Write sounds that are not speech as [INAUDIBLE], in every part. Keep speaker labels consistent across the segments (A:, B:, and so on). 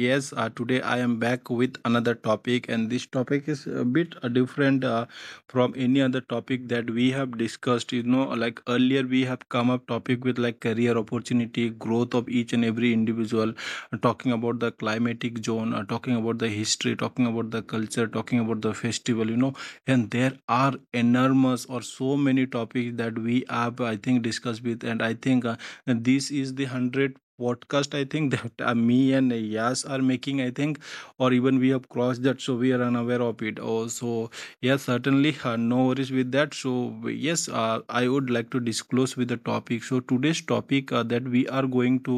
A: yes, today I am back with another topic, and this topic is a bit different from any other topic that we have discussed. You know, like earlier we have come up topic with like career opportunity, growth of each and every individual, talking about the climatic zone, talking about the history, talking about the culture, talking about the festival. You know, and there are enormous or so many topics that we have, I think, discussed with, and I think. And this is the 100th podcast I think [LAUGHS] that me and Yas are making, I think, or even we have crossed that, so we are unaware of it. Oh, so yes, certainly, no worries with that. So yes, I would like to disclose with the topic. So today's topic that we are going to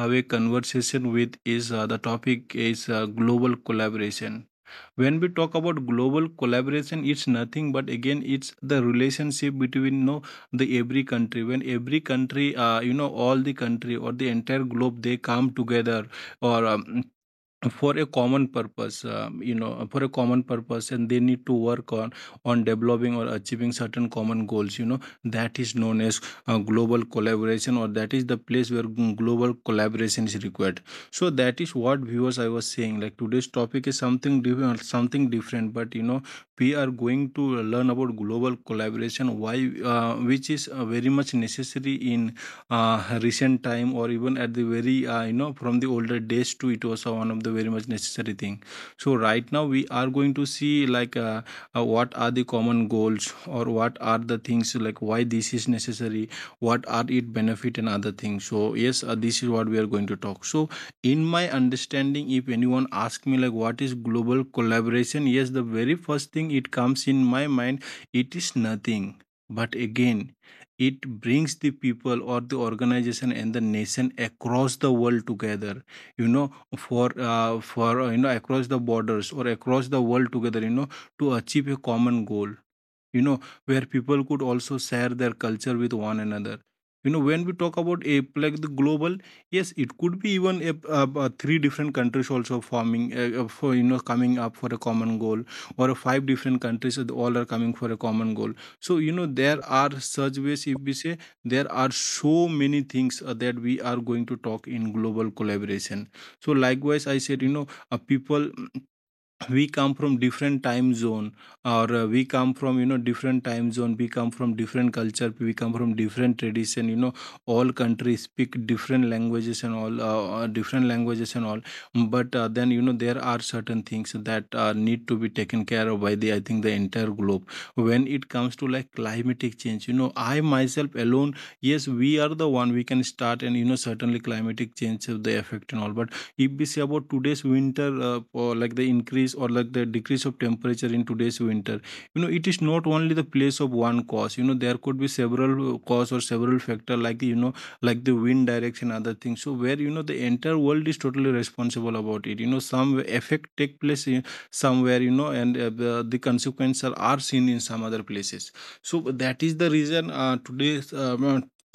A: have a conversation with is the topic is global collaboration. When we talk about global collaboration, it's nothing but again it's the relationship between no the every country, when every country you know all the country or the entire globe, they come together or for a common purpose, you know, for a common purpose, and they need to work on developing or achieving certain common goals, you know, that is known as global collaboration, or that is the place where global collaboration is required. So that is what, viewers, I was saying, like today's topic is something different, something different, but you know we are going to learn about global collaboration, why which is very much necessary in recent time, or even at the very you know from the older days too, it was one of the very much necessary thing. So right now we are going to see like what are the common goals, or what are the things, like why this is necessary, what are it benefit and other things. So yes, this is what we are going to talk. So in my understanding, if anyone asks me like what is global collaboration, yes, the very first thing it comes in my mind, it is nothing but again it brings the people or the organization and the nation across the world together, you know, for you know, across the borders or across the world together, you know, to achieve a common goal, you know, where people could also share their culture with one another, you know. When we talk about a like the global, yes, it could be even a three different countries also forming for you know coming up for a common goal, or five different countries that all are coming for a common goal. So you know there are such ways, if we say there are so many things that we are going to talk in global collaboration. So likewise I said, you know, people we come from different time zone, or we come from you know different time zone, we come from different culture, we come from different tradition, you know, all countries speak different languages and all different languages and all, but then you know there are certain things that need to be taken care of by the I think the entire globe when it comes to like climatic change. You know, I myself alone, yes, we are the one we can start, and you know certainly climatic change of the effect and all, but if we say about today's winter or like the increase or like the decrease of temperature in today's winter, you know it is not only the place of one cause, you know there could be several cause or several factor, like you know like the wind direction, other things. So where you know the entire world is totally responsible about it, you know, some effect take place in somewhere, you know, and the consequences are seen in some other places. So that is the reason today's uh,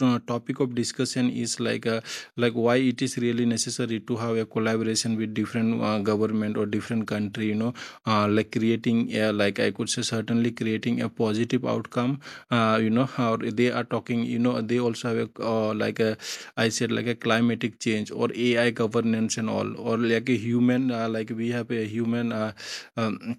A: uh, topic of discussion is like why it is really necessary to have a collaboration with different government or different country, you know, like creating a, like I could say certainly creating a positive outcome, you know how they are talking, you know they also have a like a, I said, like a climatic change or AI governance and all, or like a human like we have a human um,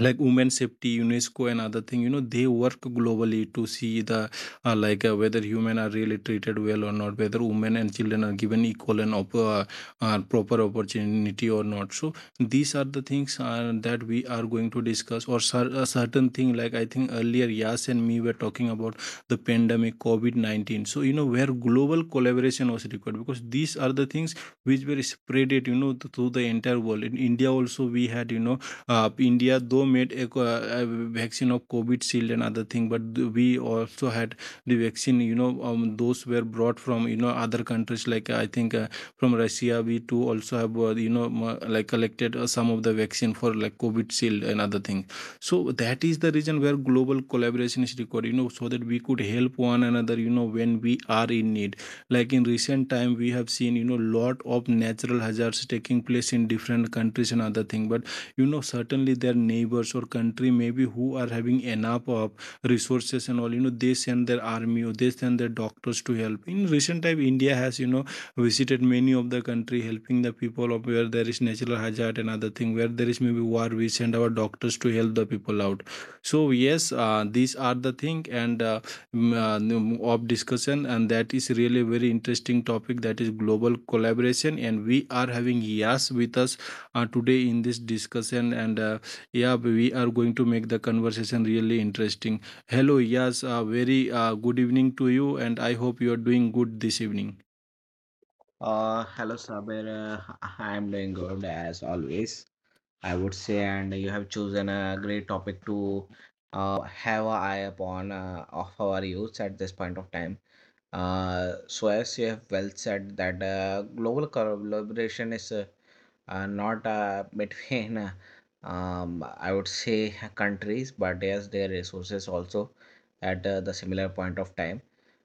A: like women safety, UNESCO and other thing, you know they work globally to see the like whether human are really treated well or not, whether women and children are given equal and proper opportunity or not. So these are the things that we are going to discuss, or a certain thing like I think earlier Yas and me were talking about the pandemic COVID-19. So you know where global collaboration was required, because these are the things which were spread it, you know through the entire world. In India also, we had you know India, though, made a, a vaccine of COVID Shield and other thing, but we also had the vaccine. You know, those were brought from you know other countries like I think from Russia. We too also have you know like collected some of the vaccine for like COVID Shield and other thing. So that is the reason where global collaboration is required. You know, so that we could help one another. You know, when we are in need, like in recent time we have seen you know lot of natural hazards taking place in different countries and other thing, but you know certainly their neighbors or country maybe who are having enough of resources and all, you know they send their army or they send their doctors to help. In recent time India has you know visited many of the country, helping the people of where there is natural hazard and other thing, where there is maybe war, we send our doctors to help the people out. So yes, these are the thing, and mm, mm, of discussion, and that is really a very interesting topic, that is global collaboration, and we are having Yas with us today in this discussion. And yeah, we are going to make the conversation really interesting. Hello, yes, very good evening to you, and I hope you are doing good this evening.
B: Hello Saber. I am doing good as always, I would say, and you have chosen a great topic to have an eye upon of our youth at this point of time. So as you have well said that global collaboration is not between [LAUGHS] I would say countries, but yes, their resources also at the similar point of time.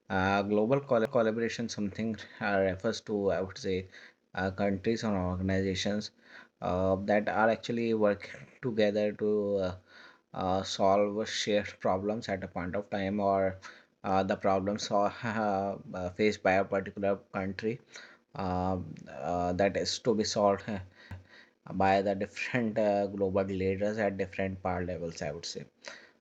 B: Global collaboration something refers to, I would say, countries or organizations that are actually working together to solve shared problems at a point of time, or the problems [LAUGHS] faced by a particular country um, that is to be solved by the different global leaders at different power levels, I would say.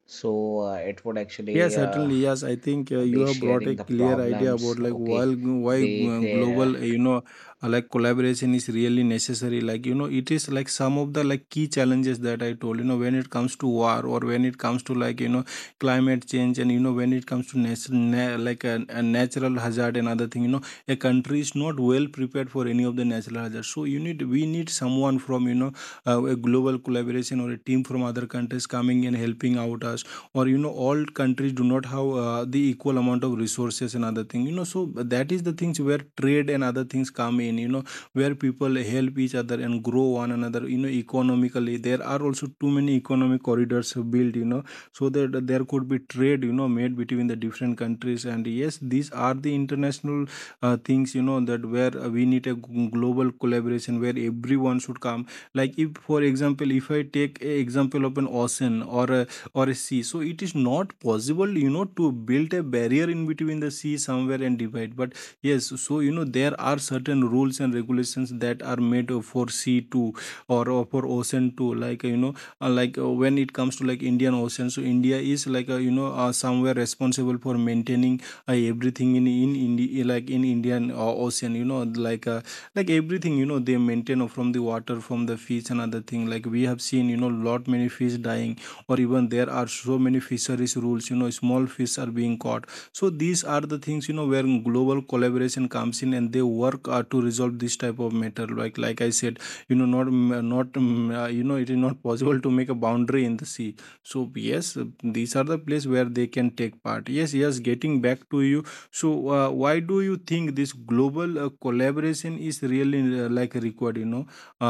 B: So it would
A: Yeah,
B: actually
A: certainly. Yes, I think you
B: be
A: have brought a
B: sharing the
A: clear idea about
B: problems,
A: like why
B: okay,
A: why
B: be
A: uh, global you know like collaboration is really necessary. Like you know, it is like some of the like key challenges that I told. You know, when it comes to war, or when it comes to like you know climate change, and you know when it comes to like a natural hazard and other thing. You know, a country is not well prepared for any of the natural hazards, so you need we need someone from you know a global collaboration or a team from other countries coming and helping out us. Or you know all countries do not have the equal amount of resources and other thing, you know, so that is the things where trade and other things come in, you know, where people help each other and grow one another, you know, economically. There are also too many economic corridors built, you know, so that there could be trade, you know, made between the different countries. And yes, these are the international things, you know, that where we need a global collaboration, where everyone should come. Like if for example if I take a example of an ocean or a sea, so it is not possible you know to build a barrier in between the sea somewhere and divide. But yes, so you know there are certain rules and regulations that are made for sea too, or for ocean too, like you know like when it comes to like Indian Ocean, so India is like you know somewhere responsible for maintaining everything in India, like in Indian ocean, you know, like everything, you know, they maintain from the water, from the fish and other thing. Like we have seen you know lot many fish dying, or even there are so many fisheries rules, you know, small fish are being caught. So these are the things, you know, where global collaboration comes in and they work to resolve this type of matter, like I said, you know, not you know it is not [LAUGHS] possible to make a boundary in the sea. So yes, these are the place where they can take part. Yes, yes, getting back to you. So why do you think this global collaboration is really like required, you know, uh,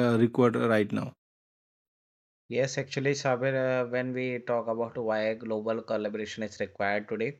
A: uh, required right now?
B: yes, actually, Sabir, when we talk about why global collaboration is required today,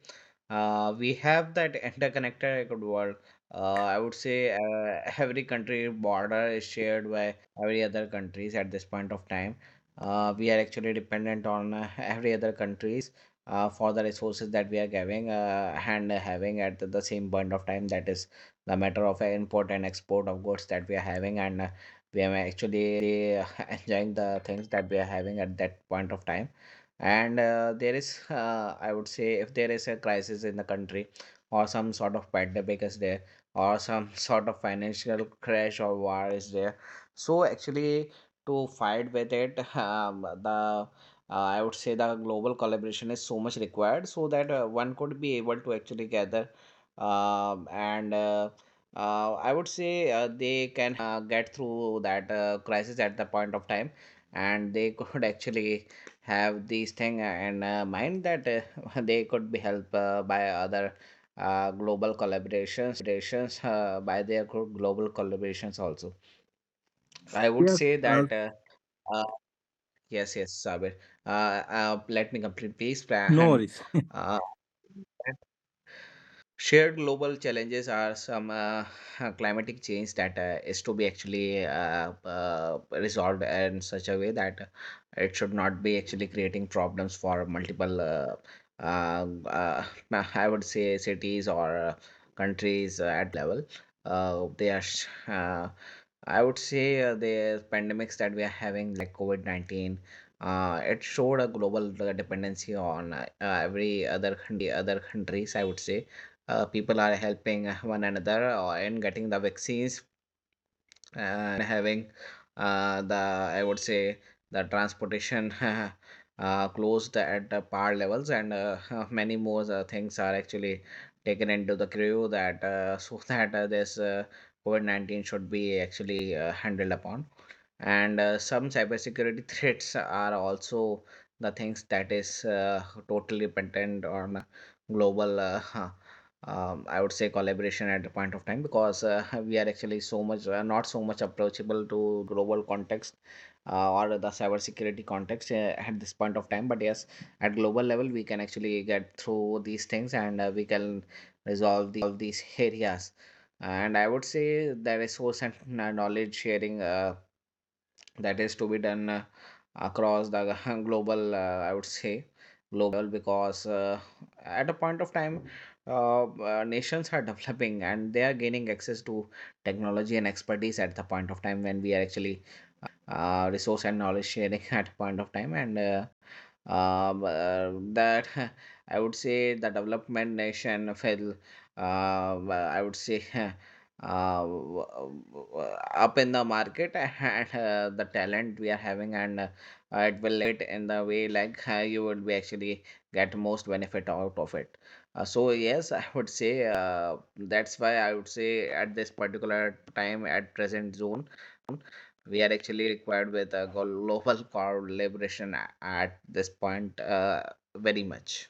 B: we have that [LAUGHS] interconnected world. Uh, I would say every country border is shared by every other countries at this point of time. We are actually dependent on [LAUGHS] every other countries for the resources that we are giving and having at the same point of time. That is the matter of import and export of goods that we are having, and we are actually [LAUGHS] enjoying the things that we are having at that point of time. And there is I would say, if there is a crisis in the country or some sort of pandemic is there, or some [LAUGHS] sort of financial crash or war is there, so actually to fight with it, [LAUGHS] the I would say the global collaboration is so much required so that one could be able to actually gather and I would say they can [LAUGHS] get through that crisis at the point of time, and they could [LAUGHS] actually have these thing and mind that [LAUGHS] they could be helped by other global collaborations by their global collaborations also, I would
A: Yes,
B: say.
A: uh,
B: That uh, yes, yes, Sabir, Uh, let me complete, please. [LAUGHS]
A: no
B: And
A: worries.
B: uh, Shared global challenges are some [LAUGHS] climatic change that is to be actually resolved in such a way that it should not be actually creating problems for multiple, uh, uh, [LAUGHS] I would say, cities or countries at global level. They are, [LAUGHS] I would say, the pandemics that we are having, like COVID 19. It showed a global dependency on every other countries, I would say. People are helping one another, or in getting the vaccines in having the, I would say, the transportation [LAUGHS] closed at the power levels, and [LAUGHS] many more things are actually taken into the crew that so [LAUGHS] that this covid-19 should be actually handled upon. And some cybersecurity [LAUGHS] threats are also the things that is totally dependent on global [LAUGHS] I would say collaboration at the point of time, because [LAUGHS] we are actually so much not so much approachable to that global context or the cybersecurity context at this point of time. But yes, at global level we can actually get through these things, and we can resolve these [LAUGHS] areas. And I would say that resource and knowledge sharing that is to be done across the [LAUGHS] global, I would say, global level, because at a point of time nations are [LAUGHS] developing and they are gaining access to technology and expertise at the point of time, when we are actually resource and knowledge sharing [LAUGHS] at a point of time. And um, uh, that, [LAUGHS] I would say, the development nation will, uh, I would say, [LAUGHS] uh, w- w- up in the market, [LAUGHS] and the talent we are having, and it will innovate in the way like you will be actually get most benefit out of it. So yes, [LAUGHS] I would say that's why I would say at this particular time, at present zone, we are actually required with a global [LAUGHS] collaboration at this point, very much.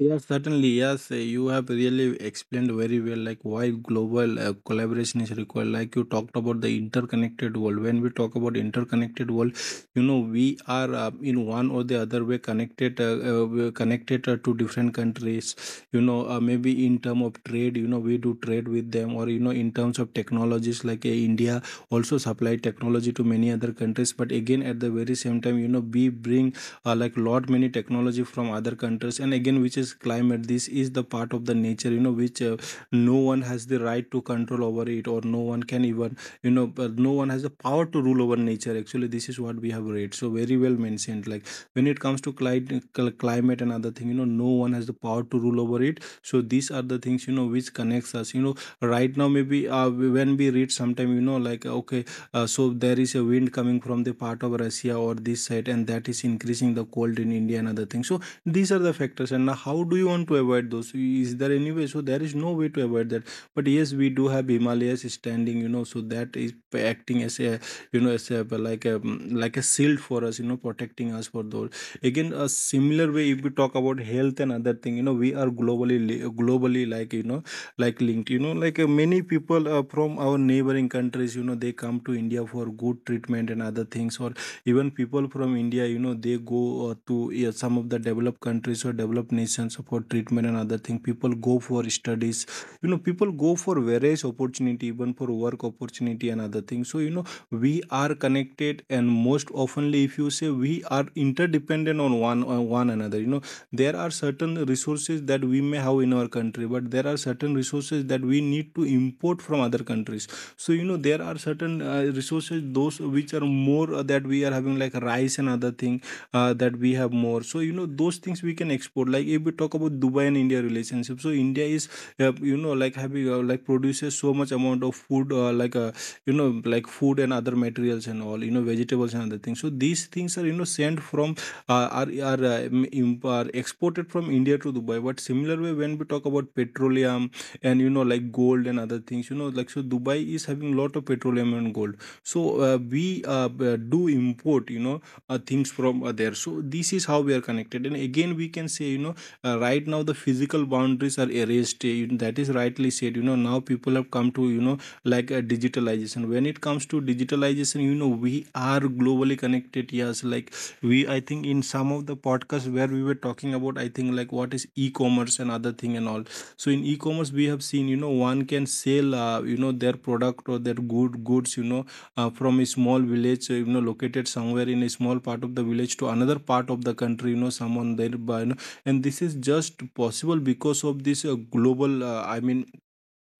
A: Yes, certainly. Yes, you have really explained very well, like why global collaboration is required. Like you talked about the interconnected world. When we talk about interconnected world, you know we are in one or the other way connected. We're connected to different countries. You know, maybe in term of trade, you know, we do trade with them, or you know, in terms of technologies, like India also supply technology to many other countries. But again, at the very same time, you know, we bring like lot many technology from other countries. And again, which is climate, this is the part of the nature, you know, which no one has the right to control over it, or no one can even you know no one has the power to rule over nature. Actually, this is what we have read, so very well mentioned. Like when it comes to climate and other thing, you know no one has the power to rule over it. So these are the things, you know, which connects us. You know, right now maybe when we read sometime, you know, like okay, so there is a wind coming from the part of Russia or this side, and that is increasing the cold in India and other things. So these are the factors. And now how do you want to avoid those? Is there any way? So there is no way to avoid that. But yes, we do have Himalayas standing, you know, so that is acting as a, you know, as a like a like a shield for us, you know, protecting us for those. Again, a similar way if we talk about health and other thing, you know, we are globally like you know like linked, you know, like many people from our neighboring countries, you know, they come to India for good treatment and other things. Or even people from India, you know, they go to yeah, some of the developed countries or developed nations for treatment and other thing. People go for studies, you know, people go for various opportunity, even for work opportunity and other things. So you know we are connected, and most oftenly if you say, we are interdependent on one another, you know there are certain resources that we may have in our country, but there are certain resources that we need to import from other countries. So you know there are certain resources those which are more that we are having, like rice and other thing, that we have more. So you know those things we can export. Like if we talk about Dubai and India relationship, so India is you know like having like produces so much amount of food, like you know like food and other materials and all, you know vegetables and other things. So these things are you know sent from are exported from India to Dubai. But similar way, when we talk about petroleum and you know like gold and other things, you know like so Dubai is having lot of petroleum and gold. So we do import, you know, things from there. So this is how we are connected. And again, we can say, you know, right now the physical boundaries are erased. That is rightly said. You know now people have come to you know like digitalization. When it comes to digitalization, you know we are globally connected. Yes, like we I think in some of the podcasts where we were talking about, I think like what is e-commerce and other thing and all. So in e-commerce, we have seen, you know, one can sell you know their product or their goods, you know, from a small village you know located somewhere in a small part of the village to another part of the country, you know someone there by you know, and this is just possible because of this global I mean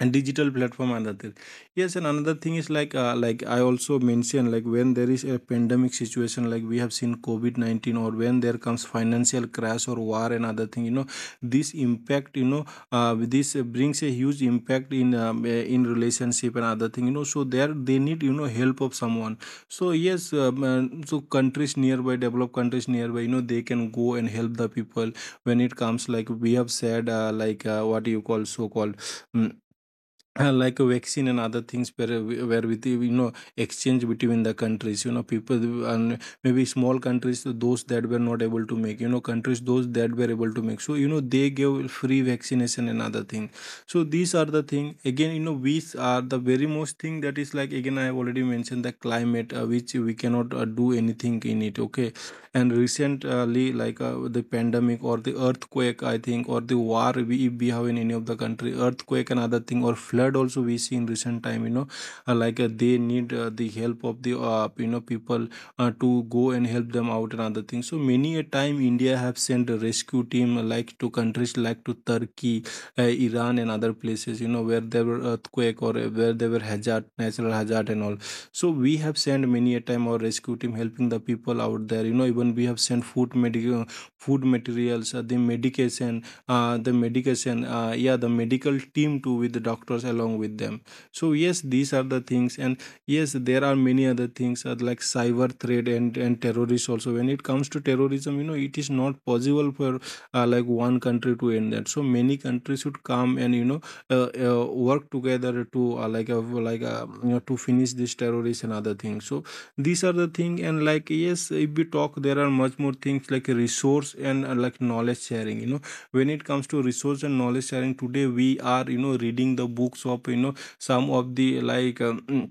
A: and digital platform. Another thing, yes, and another thing is like I also mentioned, like when there is a pandemic situation, like we have seen covid-19, or when there comes financial crash or war and other thing, you know this impact, you know this brings a huge impact in relationship and other thing, you know, so there they need, you know, help of someone. So yes, so countries nearby, developed countries nearby, you know they can go and help the people. When it comes, like we have said, like what you call so called like a vaccine and other things, where where with you, you know, exchange between the countries, you know people and maybe small countries those that were not able to make, you know countries those that were able to make, so you know they gave free vaccination and other thing. So these are the thing. Again, you know these are the very most thing, that is, like again, I have already mentioned the climate, which we cannot do anything in it. Okay, and recently, like the pandemic or the earthquake, I think, or the war, we, if we have in any of the country earthquake and other thing or flood also we see in recent time, you know like they need the help of the you know people to go and help them out and other things. So many a time India have sent a rescue team like to countries like to Turkey, uh, Iran and other places, you know where there were earthquake or where there were hazard, natural hazard and all. So we have sent many a time our rescue team helping the people out there, you know. Even we have sent food, medical food materials, the medication, yeah, the medical team too with the doctors along with them. So yes, these are the things. And yes, there are many other things like cyber threat and terrorists also. When it comes to terrorism, you know it is not possible for like one country to end that. So many countries should come and you know work together to like a, you know, to finish this terrorist and other things. So these are the thing. And like yes, if we talk, there are much more things like resource and like knowledge sharing. You know when it comes to resource and knowledge sharing, today we are, you know, reading the books of, you know, some of the like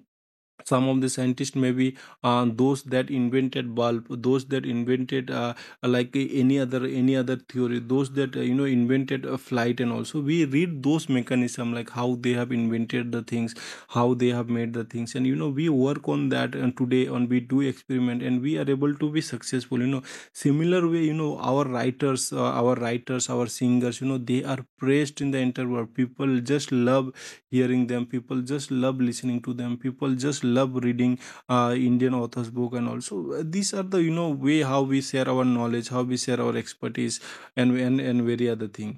A: some of the scientists, may be those that invented bulb, those that invented like any other, any other theory, those that you know invented a flight. And also we read those mechanism, like how they have invented the things, how they have made the things, and you know we work on that, and today on we do experiment, and we are able to be successful, you know. Similar way, you know, our writers our singers, you know, they are praised in the entire world. People just love hearing them, people just love listening to them, people just love reading Indian authors book. And also these are the, you know, way how we share our knowledge, how we share our expertise and very other thing.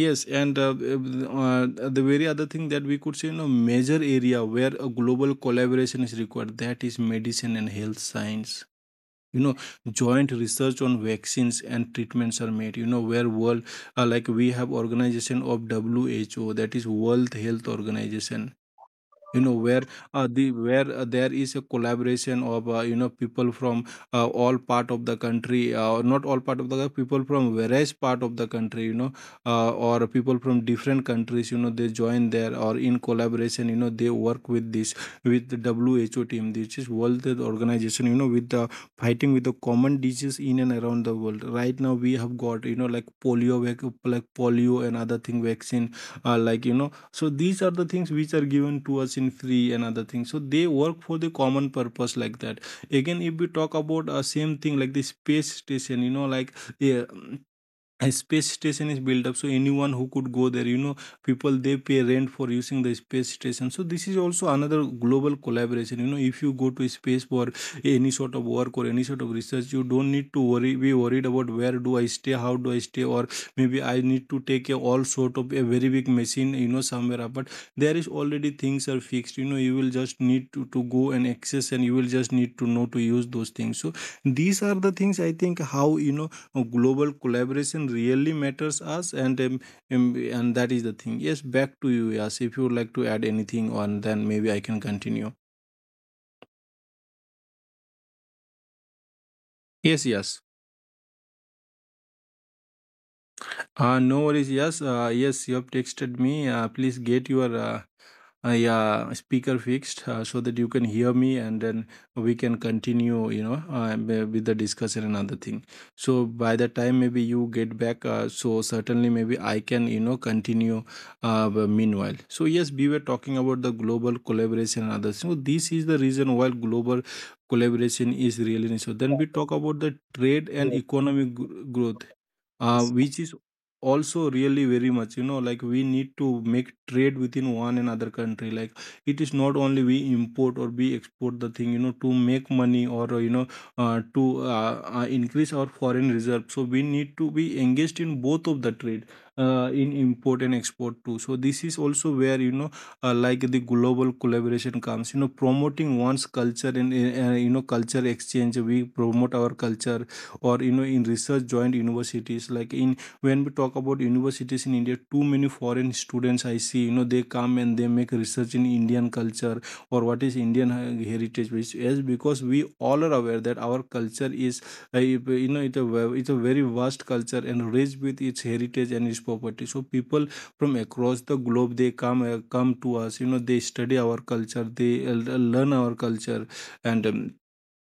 A: Yes, and the very other thing that we could say, you know, major area where a global collaboration is required, that is medicine and health science. You know, joint research on vaccines and treatments are made, you know, where world like we have organization of WHO, that is World Health Organization, you know where there is a collaboration of you know people from all part of the country not all part of the people from various part of the country, you know or people from different countries, you know they join there or in collaboration, you know they work with this with the WHO team, which is World Health Organization, you know with the fighting with the common disease in and around the world. Right now we have got, you know, like polio and other thing vaccine, like, you know, so These are the things which are given to us in free and other things, so they work for the common purpose. Like that, again, if we talk about a same thing like the space station, you know, like yeah, a space station is built up, so anyone who could go there, you know, people, they pay rent for using the space station. So this is also another global collaboration, you know. If you go to space for any sort of work or any sort of research, you don't need to worry, be worried about where do I stay, how do I stay, or maybe I need to take a all sort of a very big machine, you know, somewhere up. But there is already things are fixed, you know, you will just need to go and access, and you will just need to know to use those things. So these are the things, I think, how, you know, global collaboration really matters us. And and that is the thing. Yes, back to you. Yes, if you would like to add anything on, then maybe I can continue. Yes, yes, no worries. Yes, yes, you have texted me. Please get your I yeah. Speaker fixed, so that you can hear me, and then we can continue, you know, with the discussion and other thing. So by the time maybe you get back, so certainly maybe I can, you know, continue. But meanwhile, so yes, we were talking about the global collaboration and others. So this is the reason why global collaboration is really necessary. Then we talk about the trade and economic growth, which is also really very much, you know, like we need to make trade within one another country. Like, it is not only we import or we export the thing, you know, to make money, or you know, to increase our foreign reserve. So we need to be engaged in both of the trade, in import and export too. So this is also where, you know, like the global collaboration comes, you know, promoting one's culture and you know, culture exchange. We promote our culture, or you know, in research, joint universities, like in when we talk about universities in India, too many foreign students, I see, you know, they come and they make research in Indian culture, or what is Indian heritage, which is because we all are aware that our culture is you know, it's a it's a very vast culture and rich with its heritage and its property. So people from across the globe, they come come to us, you know, they study our culture, they learn our culture. And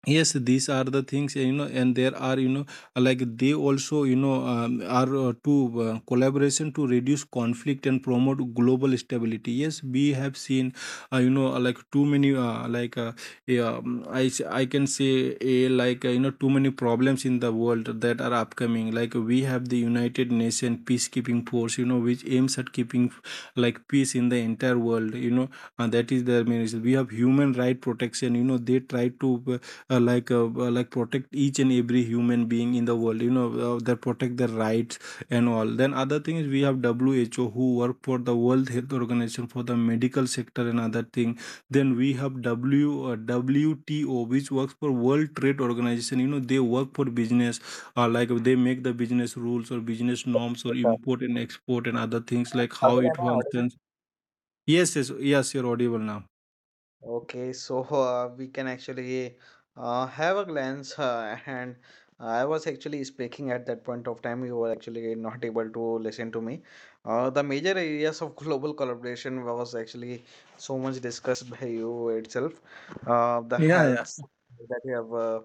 A: yes, these are the things, you know. And there are, you know, like they also, you know, are to collaboration to reduce conflict and promote global stability. Yes, we have seen, you know, like too many yeah, I can say a like you know, too many problems in the world that are upcoming. Like, we have the United Nations peacekeeping force, you know, which aims at keeping like peace in the entire world, you know, and that is their main reason. We have human right protection, you know, they try to like protect each and every human being in the world, you know, that protect their rights and all. Then other thing is, we have who work for the World Health Organization for the medical sector and other thing. Then we have w WTO, which works for World Trade Organization, you know, they work for business, like they make the business rules or business norms or import and export and other things, like how it functions. Yes, yes, yes, you're audible now.
B: Okay, so we can actually have a glance. And I was actually speaking at that point of time, you were actually not able to listen to me. The major areas of [LAUGHS] global collaboration was actually so much discussed by you itself. The
A: Yeah,
B: health
A: yeah.
B: that you have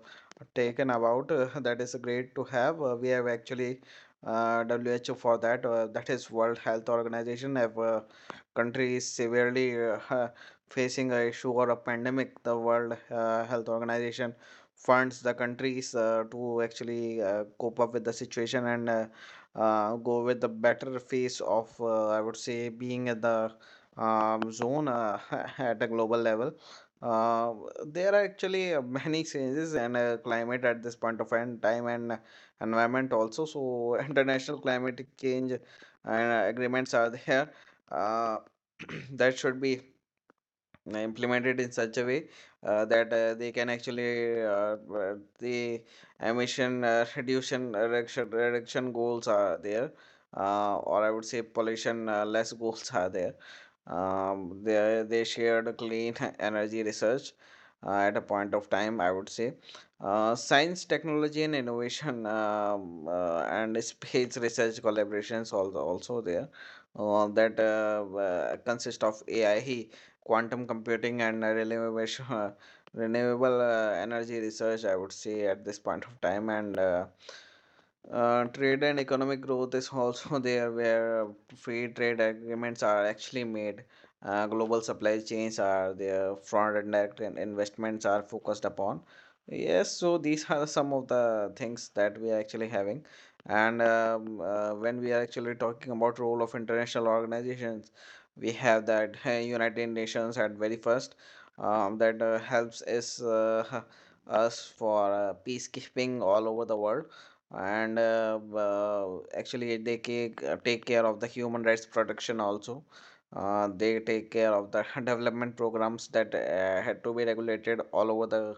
B: taken about, that is great to have. We have actually WHO for that. That is World Health Organization, have countries severely Uh, facing a issue or a pandemic, the World Health Organization funds the countries to actually cope up with the situation and go with the better phase of, I would say, being at the zone [LAUGHS] at a global level. Uh, there are actually [LAUGHS] many changes in climate at this point of time time and environment also. So [LAUGHS] international climate change and agreements are there. Uh, [CLEARS THROAT] that should be implemented in such a way that they can actually the emission reduction goals are there, or I would say pollution less goals are there. They shared clean [LAUGHS] energy research at a point of time, I would say. Science, technology, and innovation, [LAUGHS] and space research collaborations also, also there that consist of AI, quantum computing, and [LAUGHS] renewable energy research, I would say, at this point of time. And trade and economic growth is also [LAUGHS] there, where free trade agreements are actually made. Global supply chains are there, front and direct investments are focused upon. Yes, so these are some of the things that we are actually having. And when we are actually talking about role of international organizations, we have that [LAUGHS] United Nations at very first, that helps is, [LAUGHS] us for peacekeeping all over the world, and actually they take, take care of the human rights protection also. They take care of the [LAUGHS] development programs that had to be regulated all over the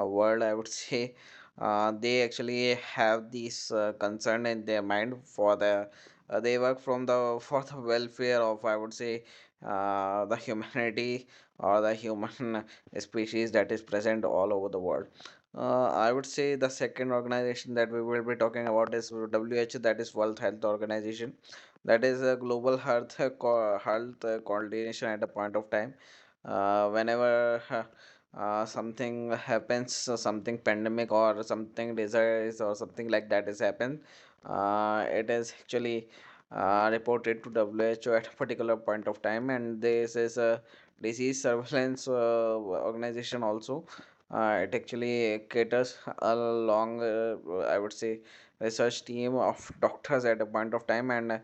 B: world, I would [LAUGHS] say. They actually have this concern in their mind for the they work from the [LAUGHS] for the welfare of, I would say, the humanity [LAUGHS] or the human [LAUGHS] species that is present all over the world. I would say the second organization that we will be talking about is WHO, that is World Health Organization, that is a global health health coordination at a point of time. Whenever [LAUGHS] something happens, something pandemic or something disease or something like that is happened, it is actually reported to WHO at a [LAUGHS] particular point of time, and this is a disease surveillance organization also. It actually caters a long, I would say, research team of doctors at a point of time, and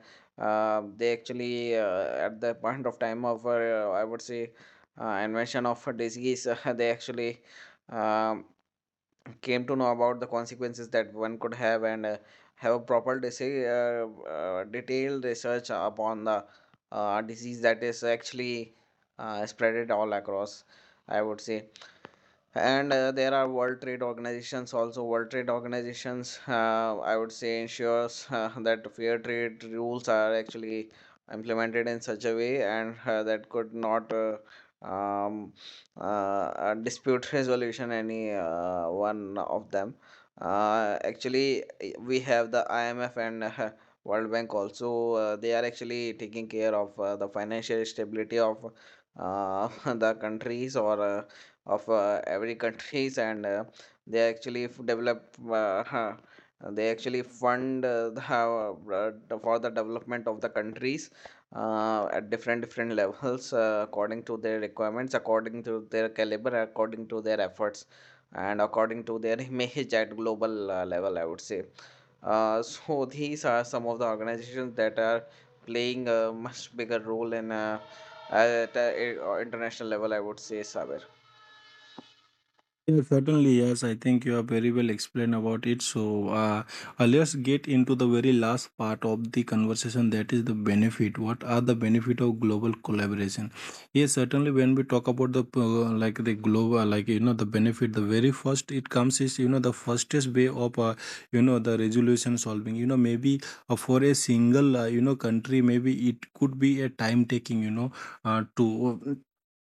B: they actually at the point of time of, I would say, invention of a disease, [LAUGHS] they actually um, came to know about the consequences that one could have, and have a proper detailed research upon the disease that is actually spreaded all across, I would say. And there are world trade organizations also. World trade organizations, I would say, ensures that fair trade rules are actually implemented in such a way, and that could not um, dispute resolution any one of them. Actually, we have the IMF and World Bank also. They are actually taking care of the financial stability of uh, [LAUGHS] the countries or of every countries, [LAUGHS] and they actually develop uh, huh, they actually fund the- for the development of the countries at different different levels according to their requirements, according to their caliber, according to their efforts, and according to their [LAUGHS] image at global level, I would say. Uh, so [LAUGHS] these are some of the organizations that are playing a much bigger role in at international level, I would say, Sabe.
A: Yeah, certainly, yes. I think you have very well explained about it. So, let's get into the very last part of the conversation. That is the benefit. What are the benefit of global collaboration? Yes, certainly. When we talk about the like the global, like you know, the benefit, the very first it comes is, you know, the fastest way of you know, the resolution solving. You know, maybe for a single you know, country, maybe it could be a time taking. You know, to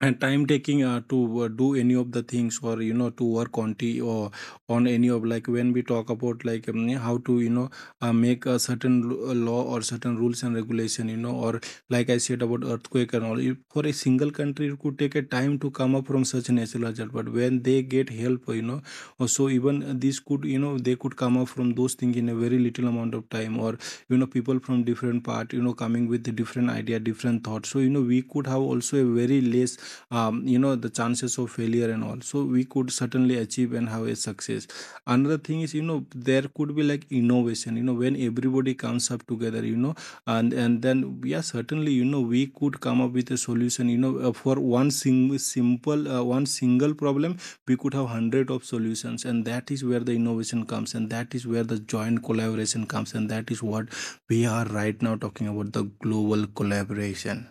A: and time taking to do any of the things, or you know, to work on t or on any of, like when we talk about like how to, you know, make a certain law or certain rules and regulation, you know, or like I said about earthquake and all. If for a single country, it could take a time to come up from such natural hazard, but when they get help, you know, or so, even this could, you know, they could come up from those things in a very little amount of time, or you know, people from different part, you know, coming with different idea, different thoughts, so you know, we could have also a very less you know, the chances of failure and all. So we could certainly achieve and have a success. Another thing is, you know, there could be like innovation, you know, when everybody comes up together, you know, and then yeah, certainly, you know, we could come up with a solution, you know. For one sing- simple one single problem, we could have hundred of solutions, and that is where the innovation comes, and that is where the joint collaboration comes, and that is what we are right now talking about, the global collaboration,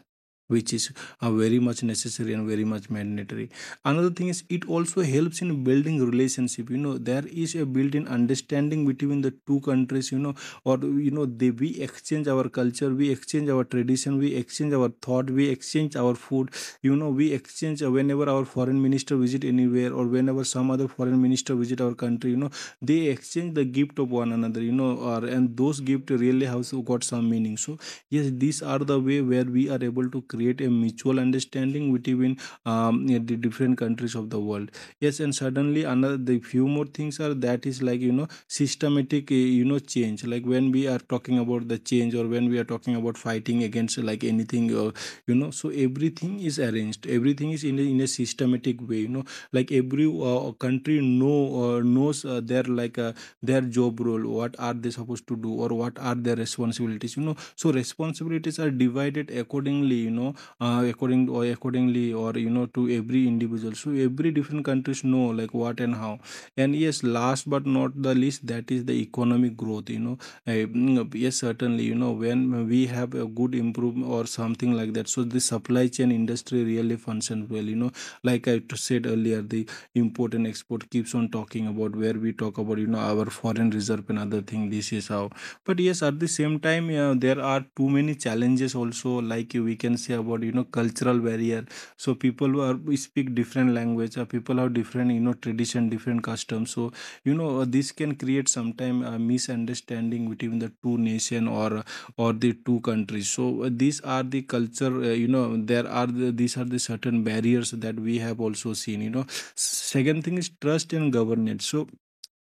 A: which is are very much necessary and very much mandatory. Another thing is, it also helps in building relationship, you know. There is a built-in understanding between the two countries, you know, or you know, they we exchange our culture, we exchange our tradition, we exchange our thought, we exchange our food, you know, we exchange whenever our foreign minister visit anywhere, or whenever some other foreign minister visit our country, you know, they exchange the gift of one another, you know, or and those gift really have got some meaning. So yes, these are the way where we are able to create a mutual understanding between yeah, the different countries of the world. Yes, and suddenly another, the few more things are, that is like, you know, systematic you know, change. Like when we are talking about the change, or when we are talking about fighting against like anything, or you know, so everything is arranged, everything is in a systematic way, you know, like every country know, knows their like their job role, what are they supposed to do, or what are their responsibilities, you know. So responsibilities are divided accordingly, you know, according or accordingly, or you know, to every individual. So every different countries know like what and how. And yes, last but not the least, that is the economic growth, you know. Eh, mm, yes, certainly, you know, when we have a good improvement or something like that, so the supply chain industry really functions well, you know, like I said earlier, the import and export keeps on talking about, where we talk about, you know, our foreign reserve and other thing. This is how. But yes, at the same time, there are too many challenges also. Like, we can say about, you know, cultural barrier. So people who are we speak different language, or people have different, you know, tradition, different customs. So you know, this can create sometime a misunderstanding between the two nation, or the two countries. So these are the culture. You know, there are the, these are the certain barriers that we have also seen. You know, second thing is trust and governance. So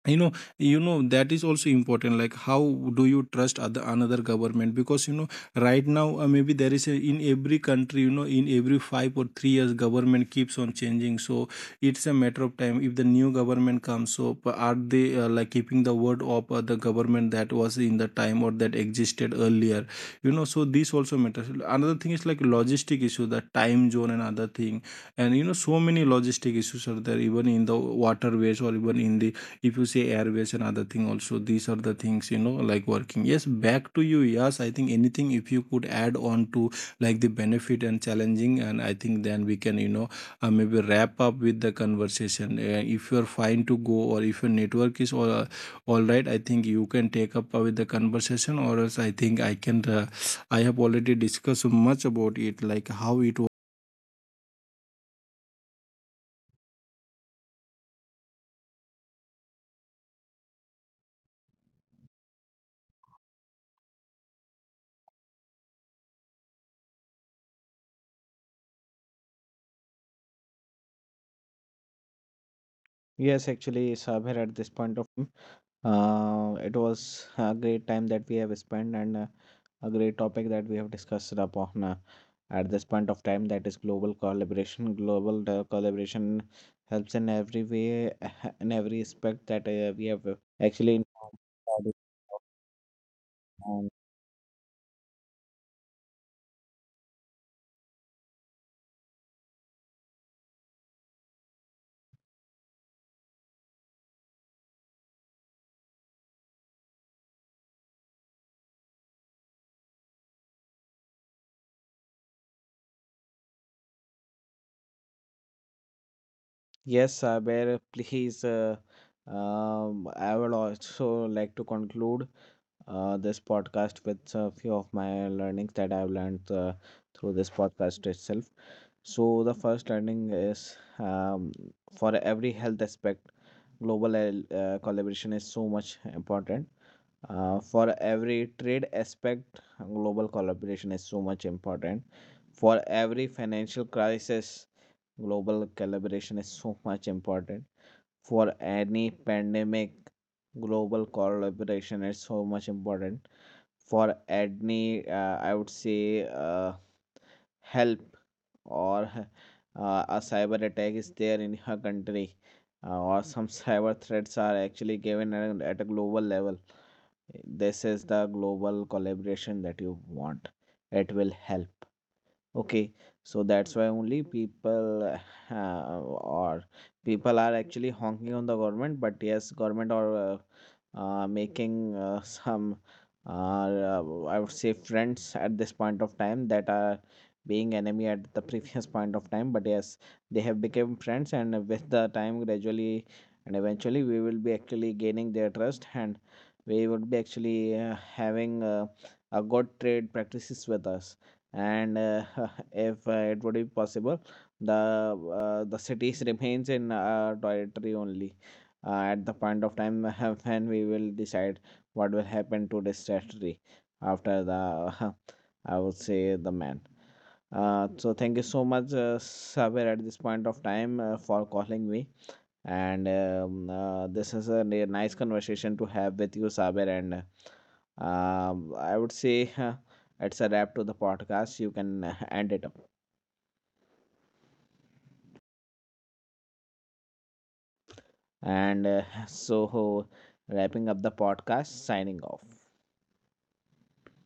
A: you know, you know, that is also important, like how do you trust other another government. Because you know, right now maybe there is a, in every country, you know, in every 5 or 3 years government keeps on changing. So it's a matter of time, if the new government comes, so are they like keeping the word of the government that was in the time, or that existed earlier, you know. So this also matters. Another thing is like logistic issue, the time zone and other thing, and you know, so many logistic issues are there, even in the waterways, or even in the, if you say airways and other thing also. These are the things, you know, like working. Yes, back to you. Yes, I think anything if you could add on to like the benefit and challenging, and I think then we can, you know, maybe wrap up with the conversation. If you're fine to go, or if your network is all right, I think you can take up with the conversation, or else I think I can, I have already discussed so much about it, like how it
B: Yes, actually, Saber, at this point of time, it was a great time that we have spent, and a great topic that we have discussed upon at this point of time, that is global collaboration. Global collaboration helps in every way, [LAUGHS] in every aspect that we have actually, Um, yes, Saber, please. I would also like to conclude this podcast with a few of my learnings that I've learned through this podcast itself. So, the first learning is, for every health aspect, global collaboration is so much important. For every trade aspect, global collaboration is so much important. For every financial crisis, global collaboration is so much important. For any pandemic, global collaboration is so much important. For any I would say help, or [LAUGHS] a cyber attack is there in her country, or some [LAUGHS] cyber threats are actually given at a global level, this is the global collaboration that you want, it will help, okay. So that's why only people [LAUGHS] or people are actually honking on the government. But yes, government or making [LAUGHS] some I would say friends at this point of time that are being enemy at the [LAUGHS] previous point of time. But yes, they have become friends, and with the time, gradually and eventually, we will be actually gaining their trust, and we would be actually having a good trade practices with us. And [LAUGHS] if it would be possible, the cities [LAUGHS] remains in our territory only at the point of time, [LAUGHS] when we will decide what will happen to this strategy after the [LAUGHS] I would say the man. So thank you so much, Saber, at this point of time for calling me. And this is a nice conversation to have with you, Saber. And I would say [LAUGHS] it's a wrap to the podcast. You can [LAUGHS] end it up. And [LAUGHS] so, wrapping up the podcast, signing off.